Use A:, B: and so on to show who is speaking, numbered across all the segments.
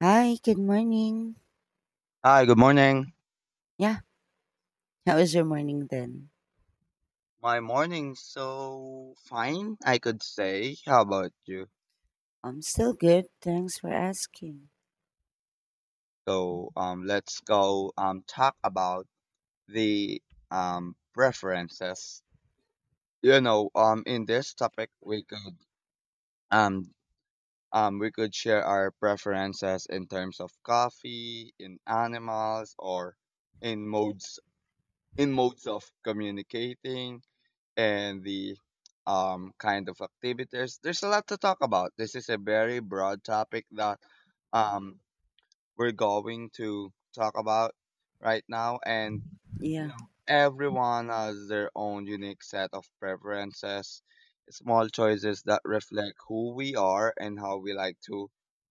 A: Hi, good morning.
B: Hi, good morning.
A: Yeah, how was your morning then?
B: My morning's so fine, I could say. How about you?
A: I'm still good. Thanks for asking.
B: So, let's go talk about the preferences. You know, in this topic, um we could share our preferences in terms of coffee, in animals, or in modes in modes of communicating, and the kind of activities. There's a lot to talk about. This is a very broad topic that um, we're going to talk about right now, and you
A: Yeah.
B: know, everyone has their own unique set of preferences, small choices that reflect who we are and how we like to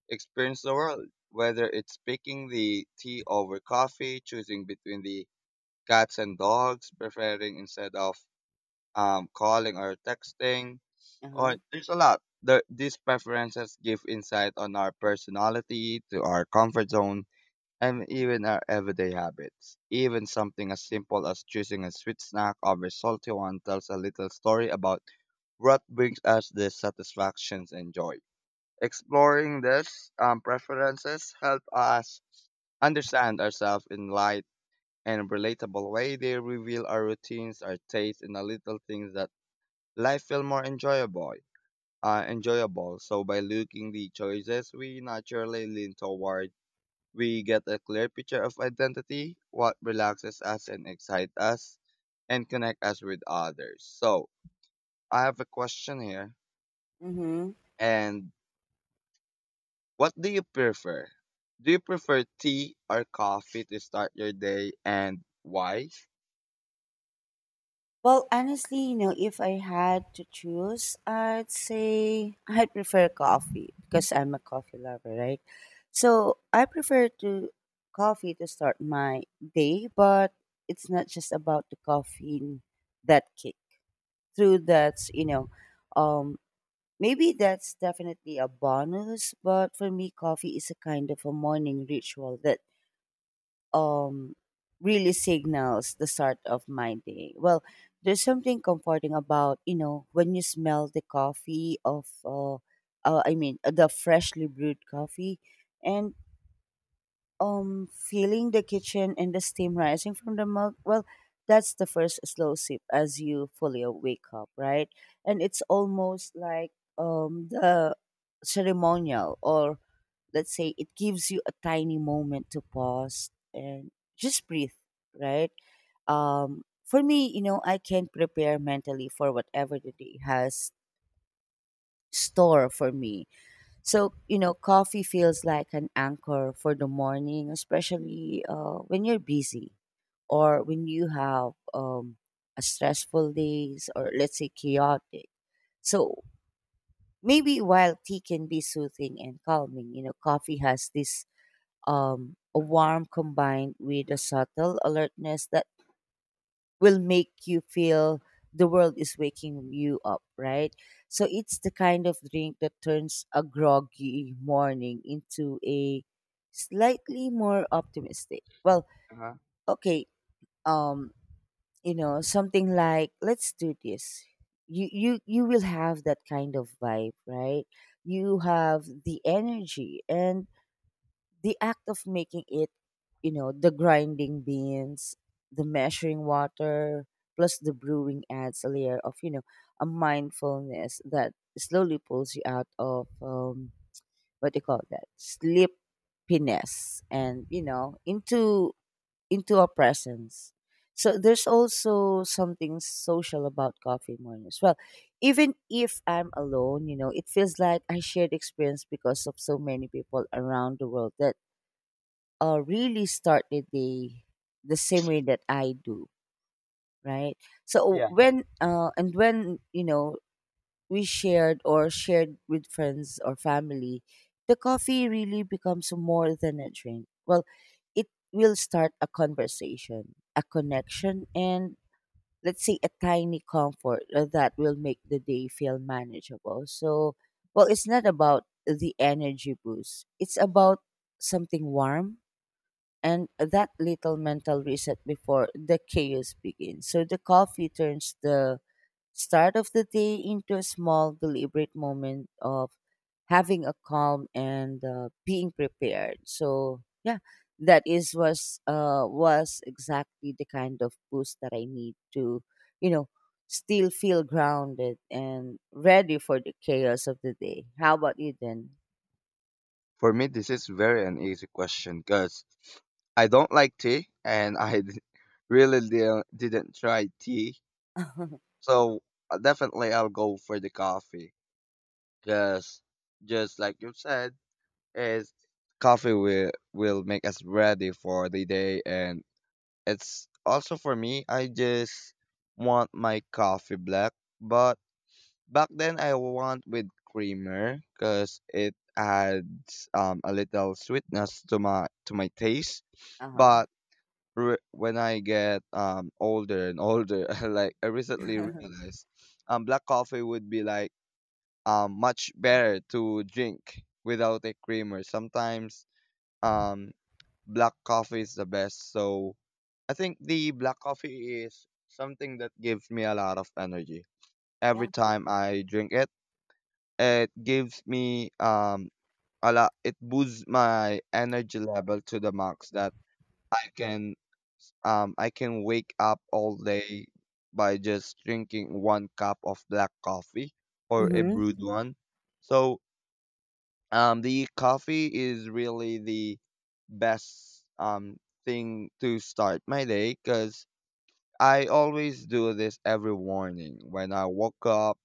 B: experience the world. Whether it's picking the tea over coffee, choosing between the cats and dogs, preferring instead of calling or texting,
A: Uh-huh.
B: or there's a lot. These preferences give insight on our personality, to our comfort zone, and even our everyday habits. Even something as simple as choosing a sweet snack over a salty one tells a little story about what brings us the satisfactions and joy. Exploring these preferences help us understand ourselves in light and relatable way. They reveal our routines, our tastes, and the little things that life feel more enjoyable. So by looking the choices we naturally lean toward, we get a clear picture of identity, what relaxes us and excites us, and connect us with others. So I have a question here.
A: Mm-hmm.
B: And what do you prefer? Do you prefer tea or coffee to start your day, and why?
A: Well, honestly, you know, if I had to choose, I'd say I'd prefer coffee because I'm a coffee lover, right? So I prefer to coffee to start my day, but it's not just about the caffeine that kick through that's, um Maybe that's definitely a bonus, but for me, coffee is a kind of a morning ritual that um really signals the start of my day. Well, there's something comforting about you know when you smell the coffee of, I mean the freshly brewed coffee, and feeling the kitchen and the steam rising from the mug. Well, that's the first slow sip as you fully wake up, right? And it's almost like the ceremonial, or let's say it gives you a tiny moment to pause and just breathe, right? For me, you know, I can prepare mentally for whatever the day has store for me. So, you know, coffee feels like an anchor for the morning, especially when you're busy or when you have a stressful days, or let's say chaotic. So maybe while tea can be soothing and calming, you know, coffee has this a warm combined with a subtle alertness that will make you feel the world is waking you up, right? So it's the kind of drink that turns a groggy morning into a slightly more optimistic. Well,
B: Uh-huh.
A: okay, um, you know, something like let's do this. You will have that kind of vibe, right? You have the energy and the act of making it, you know, the grinding beans, the measuring water, plus the brewing adds a layer of, you know, a mindfulness that slowly pulls you out of what do you call that, sleepiness, and you know into a presence. So there's also something social about coffee mornings. Well, even if I'm alone, you know, it feels like I shared experience because of so many people around the world that really start the day the same way that I do, right? So
B: Yeah.
A: when you know we shared with friends or family, the coffee really becomes more than a drink. Well, it will start a conversation, a connection, and let's say a tiny comfort that will make the day feel manageable. So, well, it's not about the energy boost; it's about something warm and that little mental reset before the chaos begins. So the coffee turns the start of the day into a small, deliberate moment of having a calm and being prepared. So yeah, that is was exactly the kind of boost that I need to, you know, still feel grounded and ready for the chaos of the day. How about you then?
B: For me, this is very an easy question because I don't like tea and I really didn't try tea.
A: uh
B: So definitely I'll go for the coffee because just like you said, is coffee will make us ready for the day, and it's also for me I just want my coffee black. But back then, I want with creamer because it adds a little sweetness to my taste.
A: huh.
B: But when I get older and older, like I recently realized, black coffee would be like much better to drink without a creamer. Sometimes um, black coffee is the best. So I think the black coffee is something that gives me a lot of energy every
A: Yeah.
B: time I drink it. It gives me a lot. It boosts my energy level to the max that I can I can wake up all day by just drinking one cup of black coffee or a
A: Mm-hmm.
B: brewed one. So the coffee is really the best thing to start my day because I always do this every morning when I woke up,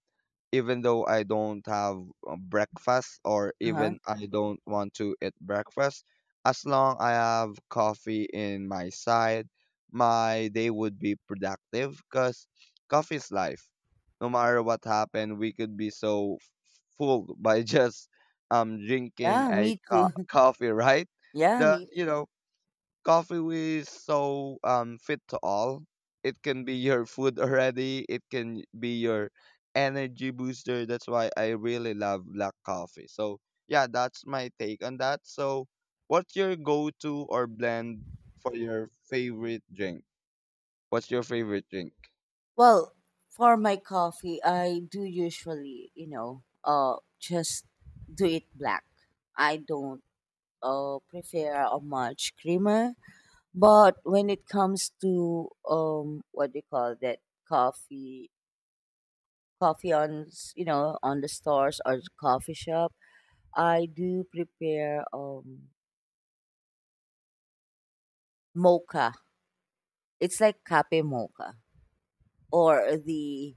B: even though I don't have breakfast, or
A: Uh-huh.
B: even I don't want to eat breakfast. As long I have coffee in my side, my day would be productive because coffee is life. No matter what happened, we could be so full by just drinking
A: Yeah,
B: a
A: me too.
B: coffee, right?
A: Yeah,
B: That,
A: me too.
B: coffee is so fit to all. It can be your food already. It can be your energy booster. That's why I really love black coffee. So yeah, that's my take on that. So what's your go-to or blend for your favorite drink? What's your favorite drink?
A: Well, for my coffee, I do usually, you know, just do it black. I don't prefer a much creamer. But when it comes to what do you call that, coffee? Coffee on, you know, on the stores or the coffee shop, I do prepare mocha. It's like cafe mocha or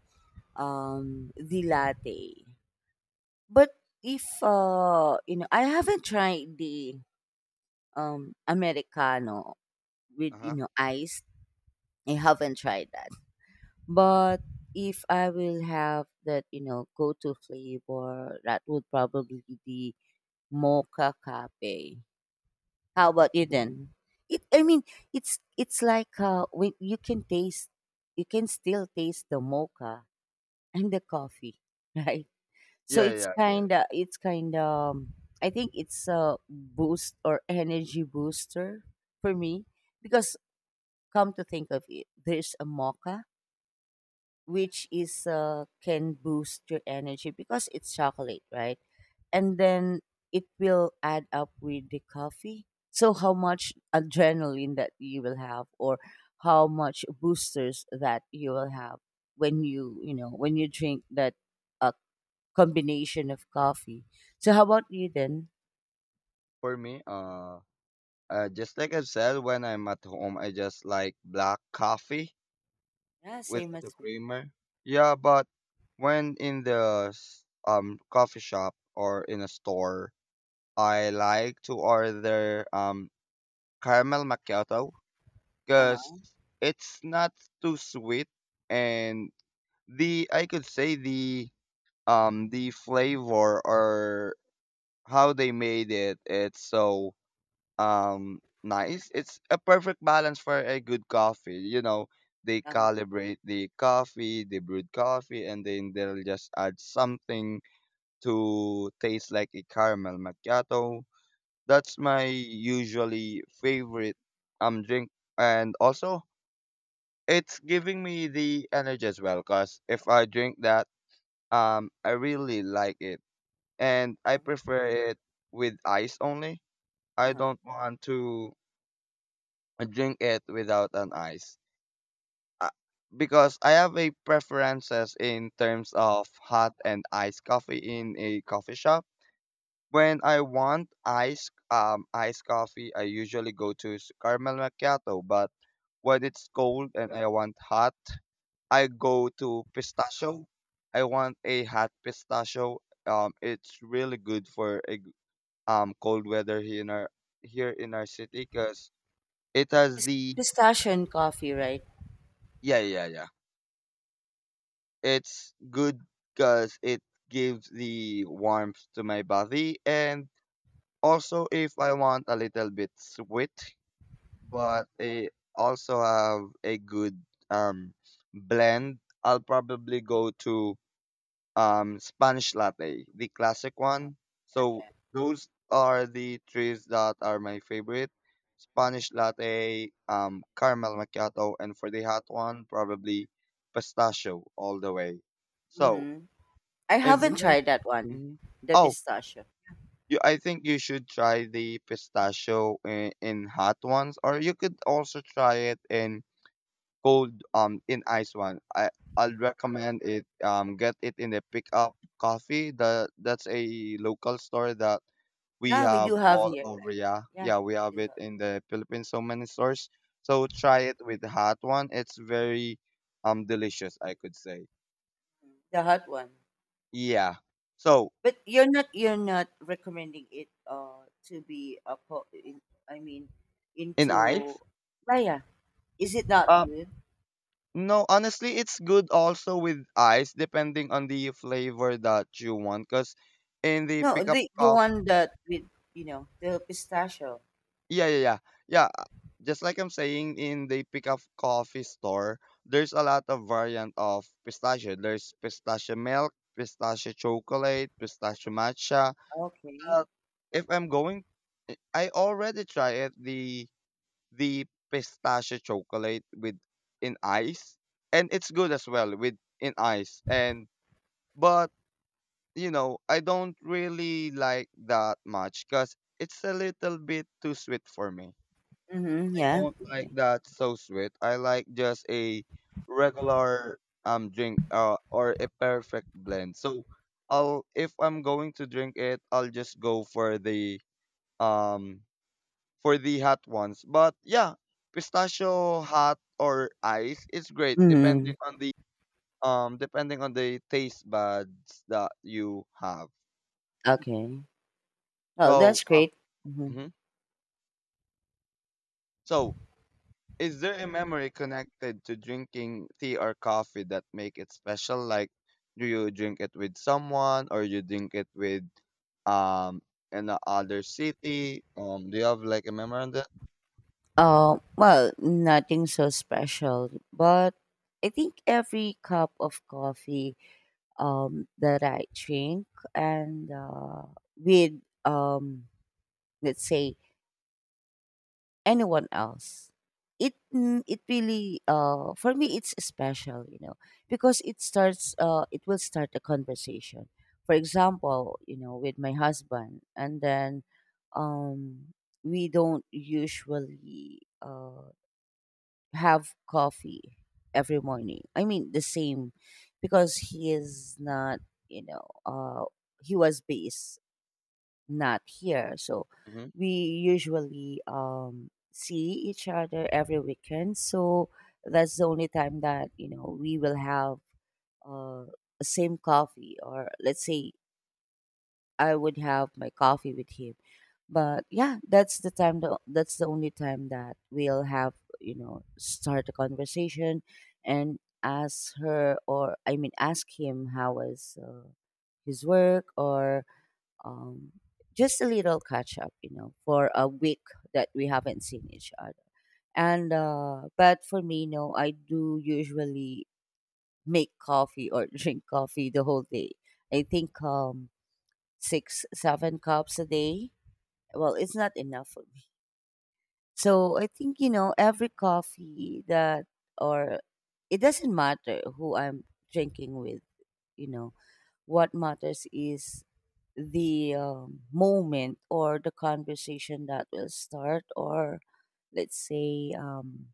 A: the latte. But if you know, I haven't tried the americano with you
B: Uh-huh.
A: know ice. I haven't tried that. But if I will have that you know go-to flavor, that would probably be mocha cafe. How about you then? It I mean it's like when you can taste, you can still taste the mocha and the coffee, right? So
B: Yeah,
A: it's
B: yeah, I get it.
A: kinda it's kinda I think it's a boost or energy booster for me because come to think of it, there's a mocha which is can boost your energy because it's chocolate, right? And then it will add up with the coffee. So how much adrenaline that you will have, or how much boosters that you will have when you know when you drink that uh, combination of coffee. So how about you then?
B: For me, just like I've said, when I'm at home, I just like black coffee
A: Yeah,
B: with
A: same as
B: the
A: me.
B: creamer. Yeah, but when in the coffee shop or in a store, I like to order caramel macchiato because
A: Uh-huh.
B: it's not too sweet, and the I could say the flavor or how they made it's so nice. It's a perfect balance for a good coffee. You know, they
A: Uh-huh.
B: calibrate the coffee, they brewed coffee, and then they'll just add something to taste like a caramel macchiato. That's my usually favorite drink, and also it's giving me the energy as well. Cause if I drink that, I really like it, and I
A: Uh-huh.
B: prefer it with ice only.
A: uh
B: I
A: huh.
B: don't want to drink it without an ice. Uh, Because I have a preferences in terms of hot and iced coffee in a coffee shop. When I want iced coffee, I usually go to caramel macchiato, but when it's cold and I want hot, I go to pistachio. I want a hot pistachio. It's really good for a cold weather here in our city because it has
A: Pis-
B: the.
A: Pistachio and coffee, right?
B: Yeah, yeah, yeah. It's good because it gives the warmth to my body, and also if I want a little bit sweet, but it also have a good um blend. I'll probably go to Spanish latte, the classic
A: Uh-huh.
B: one. So
A: Yeah.
B: those are the trees that are my favorite. Spanish latte, caramel macchiato, and for the hot one, probably pistachio all the way. So
A: Mm-hmm. I
B: is
A: haven't
B: there?
A: tried that one,
B: Mhm.
A: the
B: Oh,
A: pistachio.
B: you, I think you should try the pistachio in hot ones, or you could also try it in cold, in ice one. I'll recommend it. Get it in the pickup coffee. The That's a local store that we
A: Yeah, we
B: have
A: do have
B: all
A: here,
B: over.
A: like
B: Yeah,
A: yeah,
B: yeah, we have
A: we do
B: it
A: have.
B: in the Philippines. So many stores. So try it with the hot one. It's very delicious. I could say.
A: Mm. The hot one.
B: Yeah. So
A: But you're not recommending it to be a in, I mean
B: in
A: into
B: ice.
A: Raya. Is it not
B: Um.
A: good?
B: No, honestly, it's good also with ice, depending on the flavor that you want. Because in the
A: No,
B: pickup
A: the
B: coffee,
A: one that with you know the pistachio.
B: yeah, yeah, yeah, yeah. Just like I'm saying, in the pickup coffee store, there's a lot of variant of pistachio. There's pistachio milk, pistachio chocolate, pistachio matcha.
A: Okay.
B: But if I'm going, I already tried it the pistachio chocolate with in ice, and it's good as well with in ice and. But, you know, I don't really like that much because it's a little bit too sweet for me.
A: Mm-hmm.
B: I
A: Yeah.
B: don't like that so sweet. I like just a regular drink, or a perfect blend. So I'll if I'm going to drink it, I'll just go um for the hot ones. But yeah, pistachio hot or ice is great
A: Mm-hmm.
B: depending on the taste buds that you have.
A: Okay. Oh,
B: So,
A: that's
B: uh,
A: great. Mm-hmm.
B: mhm. so is there a memory connected to drinking tea or coffee that make it special? Like, do you drink it with someone, or you drink it with um in a other city? Do you have like a memory on that?
A: Oh well, nothing so special, but I think every cup of coffee that I drink and with um let's say anyone else. It, mm, it really for me it's special, you know, because it starts it will start a conversation. For example, you know, with my husband, and then um we don't usually have coffee every morning. I mean the same because he is not, you know, he was based not here. So
B: Hmm.
A: we usually see each other every weekend. So that's the only time that you know we will have uh, the same coffee, or let's say I would have my coffee with him. But yeah, that's the time. That's the only time that we'll have you know start a conversation and ask her, or I mean, ask him how was his work or um, just a little catch up, you know, for a week that we haven't seen each other. And but for me, no, I do usually make coffee or drink coffee the whole day. I think six, seven cups a day. Well, it's not enough for me. So I think you know every coffee that, or it doesn't matter who I'm drinking with. You know what matters is the moment or the conversation that will start, or let's say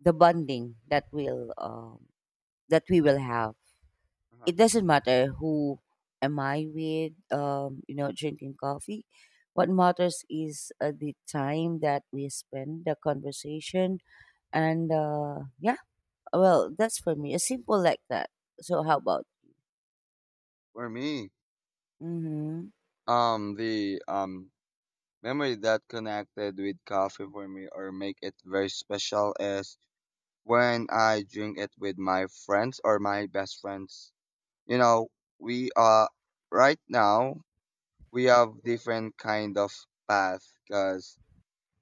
A: the bonding that will that we will have.
B: Uh-huh.
A: It doesn't matter who am I with, you know, drinking coffee. What matters is the time that we spend the conversation and yeah, well, that's for me, it's simple like that. So how about,
B: For me,
A: mm-hmm,
B: the memory that connected with coffee for me or make it very special is when I drink it with my friends or my best friends. You know, we right now we have different kind of path because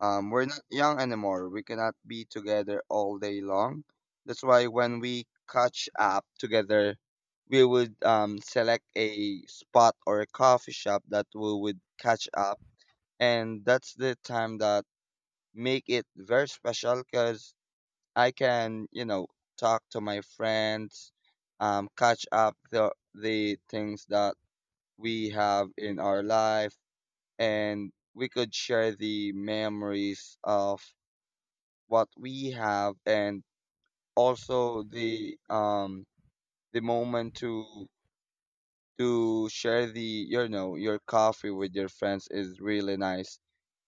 B: we're not young anymore. We cannot be together all day long. That's why when we catch up together, we would select a spot or a coffee shop that we would catch up, and that's the time that make it very special because I can talk to my friends, catch up the things that we have in our life, and we could share the memories of what we have, and also the moment to share the you know your coffee with your friends is really nice,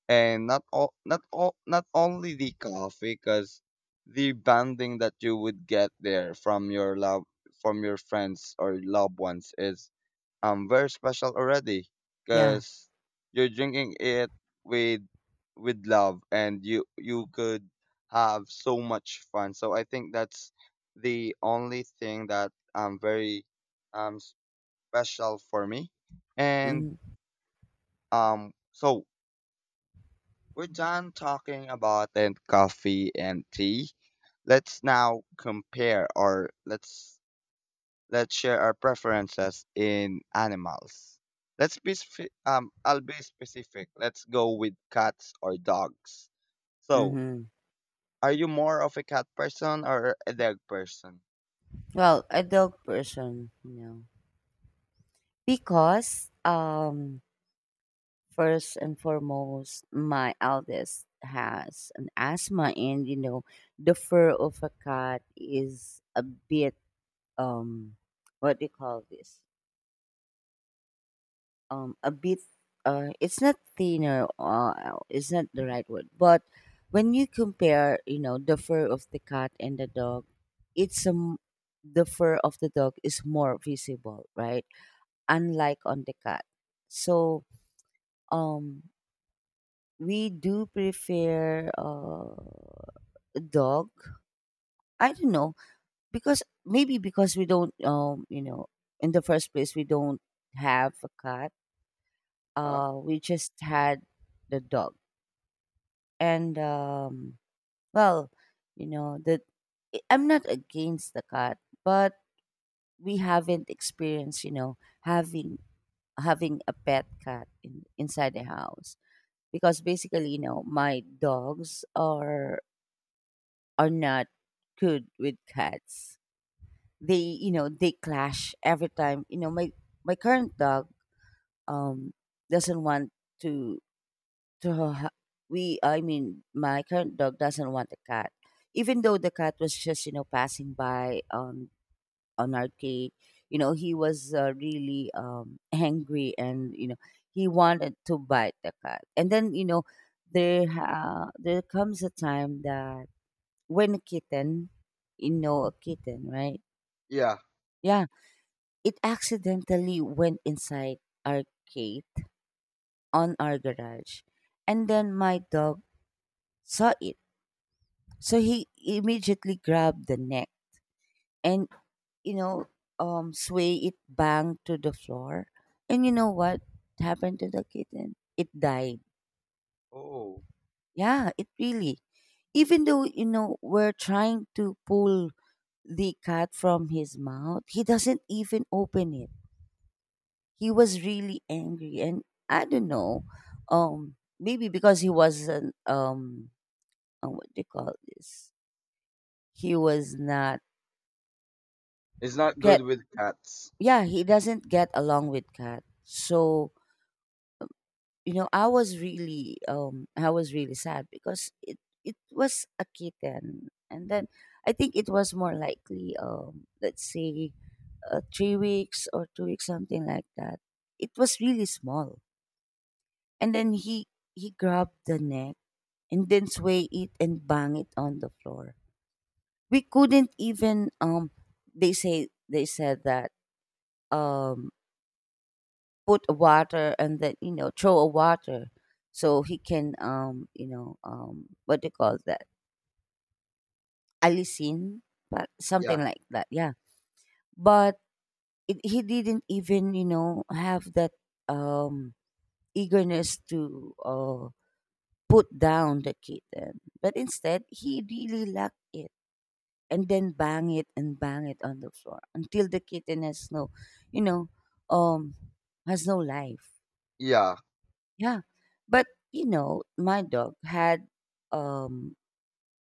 B: and not only the coffee, because the bonding that you would get there from your love, from your friends or loved ones, is very special already,
A: yeah,
B: because you're drinking it with with love, and you could have so much fun. So I think that's the only thing that very um special for me, and
A: mm-hmm.
B: so we're done talking about then coffee and tea. Let's now compare or let's share our preferences in animals. I'll be specific. Let's go with cats or dogs. So,
A: Mm-hmm.
B: are you more of a cat person or a dog person?
A: Well, ideal person, you know, because first and foremost, my eldest has an asthma, and you know, the fur of a cat is a bit um, what do you call this? A bit. It's not thinner. It's not the right word, but when you compare, you know, the fur of the cat and the dog, it's the fur of the dog is more visible, right? Unlike on the cat. So um we do prefer a dog. I don't know, because maybe because we don't you know in the first place we don't have a cat.
B: Huh?
A: Uh, we just had the dog. And well, you know that I'm not against the cat, but we haven't experienced, you know, having a pet cat in, inside the house. Because basically, you know, my dogs are not good with cats. They, you know, they clash every time. You know, my current dog um doesn't want to to, my current dog doesn't want a cat. Even though the cat was just, you know, passing by on our cake. You know, he was really angry and, you know, he wanted to bite the cat. And then, you know, there comes a time that when a kitten, you know, a kitten, right?
B: Yeah.
A: Yeah, it accidentally went inside our gate on our garage. And then my dog saw it. So he immediately grabbed the neck and you know, sway it, banged to the floor. And you know what happened to the kitten? It died.
B: Oh.
A: Yeah, it really. Even though, you know, we're trying to pull the cat from his mouth, he doesn't even open it. He was really angry. And I don't know, maybe because he wasn't, what do you call this? He was not
B: It's not good
A: get,
B: with cats.
A: yeah, he doesn't get along with cat. So, you know, I was really sad because it was a kitten. And then I think it was more likely, let's say, 3 weeks or 2 weeks, something like that. It was really small. And then he grabbed the neck and then sway it and bang it on the floor. We couldn't even, they say they said that, um put water and then, you know, throw a water so he can, what do you call that, alisin, but
B: Yeah.
A: something like that, yeah. But he didn't even, you know, have that, um eagerness to, put down the kitten, but instead he really locked it and then bang it and bang it on the floor until the kitten has no, you know um has no life.
B: Yeah.
A: Yeah. But you know, my dog had, um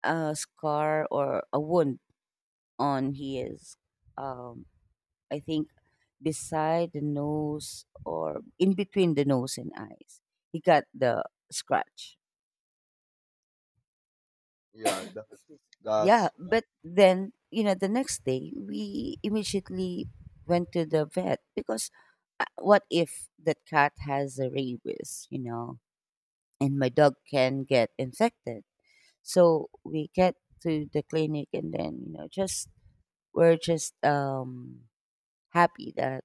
A: a scar or a wound on his, um I think beside the nose or in between the nose and eyes. He got the scratch.
B: Yeah. That's
A: Yeah,
B: that's right.
A: but then, you know, the next day we immediately went to the vet because, what if that cat has a rabies, you know, and my dog can get infected? So we get to the clinic, and then, you know, just we're just happy that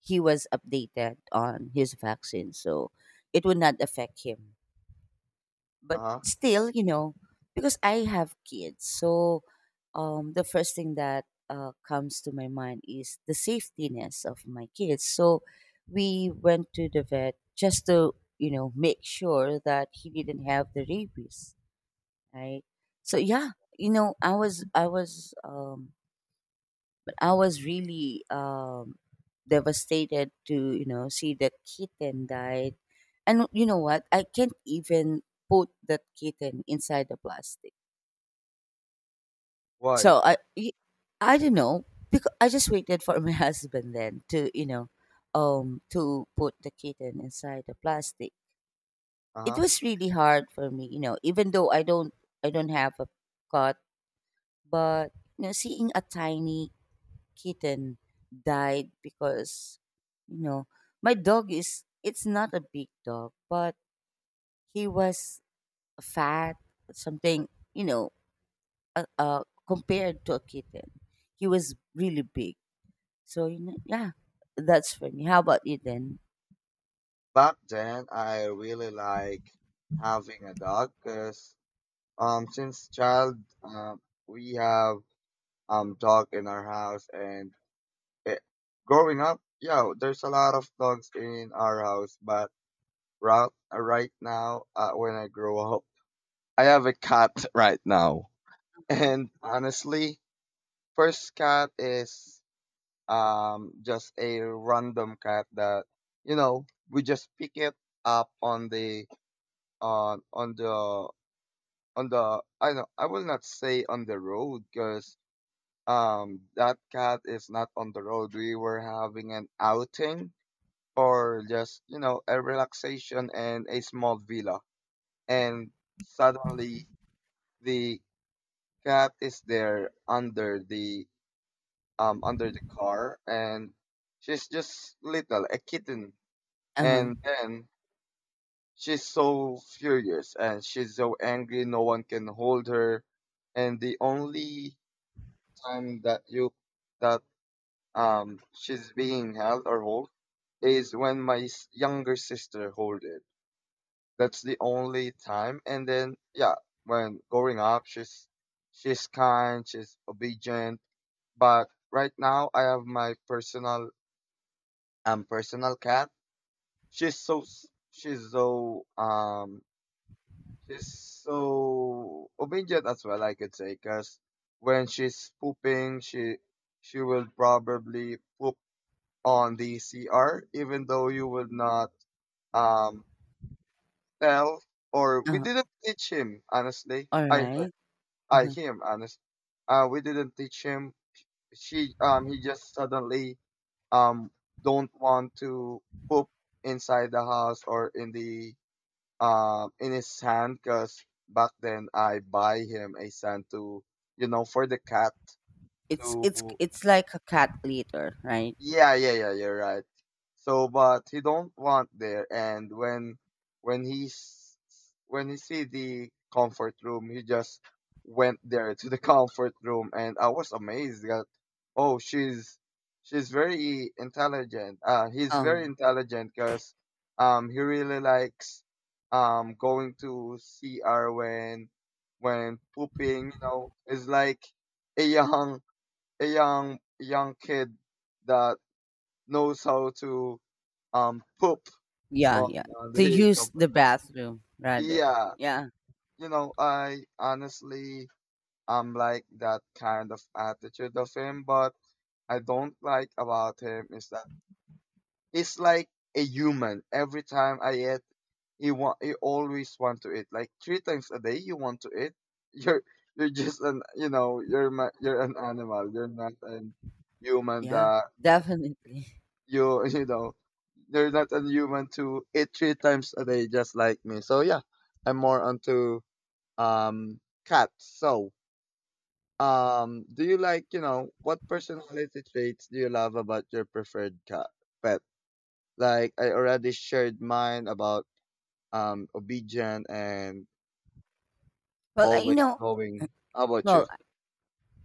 A: he was updated on his vaccine, so it would not affect him. But
B: Uh-huh.
A: still, you know, because I have kids, so, the first thing that, comes to my mind is the safetiness of my kids. So we went to the vet just to, you know, make sure that he didn't have the rabies, right? So yeah, you know I was I was I was really, devastated to, you know, see the kitten died. And you know what, I can't even put that kitten inside the plastic.
B: Why?
A: So I don't know, because I just waited for my husband then to, you know, to put the kitten inside the plastic. It
B: Uh-huh.
A: was really hard for me, you know, even though I don't have a cat. But, you know, seeing a tiny kitten died because, you know, my it's not a big dog, but he was fat, something, you know, compared to a kitten. He was really big. So, you know, yeah, that's for me. How about you then?
B: Back then I really like having a dog because since child, um we have dog in our house, and it, growing up, yeah, there's a lot of dogs in our house, but right now, when I grow up, I have a cat right now,
A: Uh-huh.
B: and honestly first cat is just a random cat that you know we just pick it up on the on on the I know I will not say on the road because that cat is not on the road. We were having an outing, or just you know a relaxation in a small villa, and suddenly the cat is there under the car, and she's just little a kitten,
A: Uh-huh.
B: and then she's so furious and she's so angry, no one can hold her, and the only time that you that she's being held or hold is when my younger sister hold it. That's the only time. And then, yeah, when growing up, she's kind, she's obedient. But right now, I have my personal cat. She's so s- she's so obedient as well. I could say. Because when she's pooping, she will probably poop on the CR, even though you will not um Tell or we
A: Uh-huh.
B: didn't teach him, honestly.
A: All
B: I
A: right.
B: her- I
A: Uh-huh.
B: him honest. We didn't teach him. She he just suddenly um don't want to poop inside the house or in the in his sand because back then I buy him a sand to you know for the cat
A: It's it's
B: to.
A: it's like a cat litter, right?
B: Yeah, yeah, yeah, you're right. So, but he don't want there, and when he s- when he see the comfort room, he just went there to the comfort room, and I was amazed that, oh, she's very intelligent. He's very
A: Um.
B: intelligent because he really likes going to CR when pooping. You know, it's like a young a young kid that knows how to poop
A: Yeah.
B: on
A: Yeah. To
B: the
A: use the
B: comforter.
A: bathroom rather.
B: Yeah,
A: Yeah.
B: you know, I honestly like that kind of attitude of him, but I don't like about him is that he's like a human. Every time I eat, he always want to eat. Like three times a day, you want to eat. You're you're just an you know you're ma- you're an animal. You're not a human.
A: Yeah.
B: That
A: Definitely.
B: you, you know, they're not human to eat three times a day just like me, so yeah, I'm more onto cats. So, do you like you know what personality traits do you love about your preferred cat pet, like I already shared mine about obedient and
A: Well, I you
B: always
A: know.
B: going. How about you?
A: Well,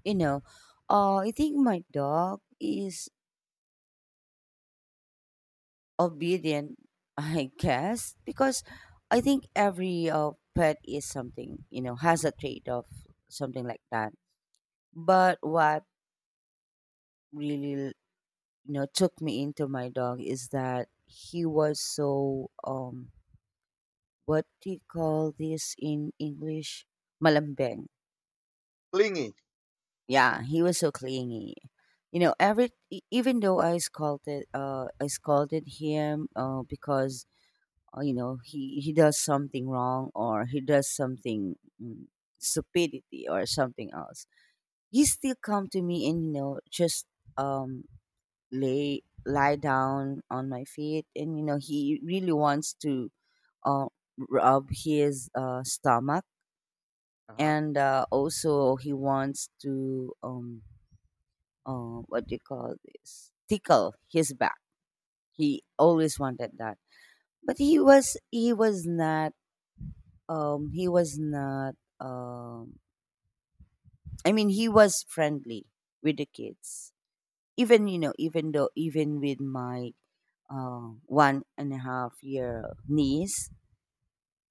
A: you know, I think my dog is obedient, I guess, because I think every, pet is something, you know, has a trait of something like that. But what really, you know, took me into my dog is that he was so, what do you call this in English? Malambeng.
B: Clingy.
A: Yeah, he was so clingy. You know, every even though I scolded him, because, you know, he does something wrong, or he does something, stupidity or something else. He still come to me and, you know, just, um lay lie down on my feet. And you know, he really wants to, uh, rub his, stomach.
B: Uh-huh.
A: And, also he wants to, what do you call this, tickle his back. He always wanted that. But he was not, um he was not um I mean, he was friendly with the kids, even you know, even though, even with my, one and a half year niece.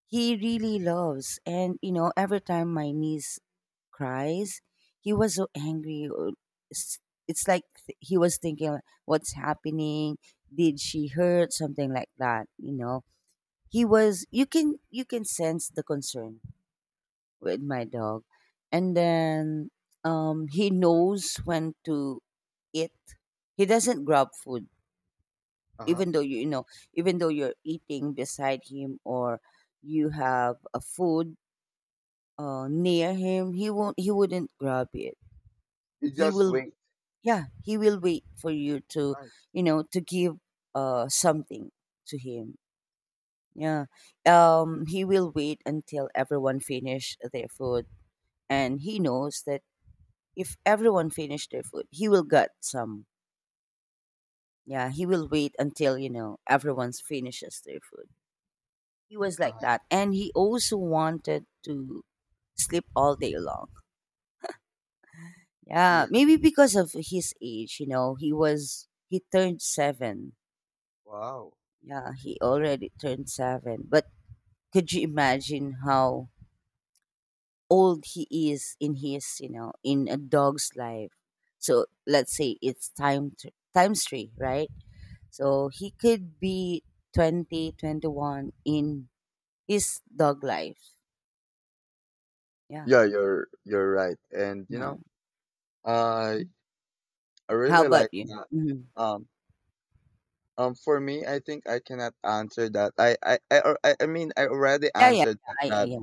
A: He really loves, and you know, every time my niece cries, he was so angry, or s- it's like he was thinking like, what's happening, did she hurt, something like that, you know. He was, you can sense the concern with my dog. And then, he knows when to eat. He doesn't grab food,
B: Uh-huh.
A: even though you know, even though you're eating beside him, or you have a food, near him, he won't. He wouldn't grab it.
B: You
A: He
B: just
A: will.
B: wait.
A: Yeah, he will wait for you to,
B: Nice.
A: you know, to give, something to him. Yeah. He will wait until everyone finish their food, and he knows that if everyone finished their food, he will get some. Yeah, he will wait until, you know, everyone's finishes their food. He was like
B: Uh-huh.
A: that. And he also wanted to sleep all day long.
B: Yeah.
A: Yeah, maybe because of his age, you know, he turned 7.
B: Wow.
A: Yeah, he already turned 7. But could you imagine how old he is in his, you know, in a dog's life? So let's say it's time to, times 3, right? So he could be 20, 21 in his dog life. Yeah.
B: Yeah, you're right, and you
A: Yeah.
B: know, I. I
A: How
B: really like
A: about you?
B: that.
A: Hmm.
B: Um, for me, I think I cannot answer that. I mean, I already
A: Yeah, yeah.
B: answered that,
A: Yeah,
B: that
A: yeah.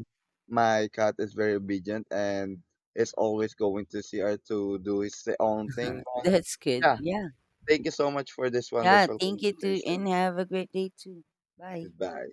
B: my cat is very obedient and is always going to CR to do his own thing. But
A: That's good.
B: yeah,
A: Yeah.
B: thank you so much for this
A: Yeah.
B: wonderful
A: Thank you too. And
B: conversation.
A: have a great day too. Bye.
B: Goodbye.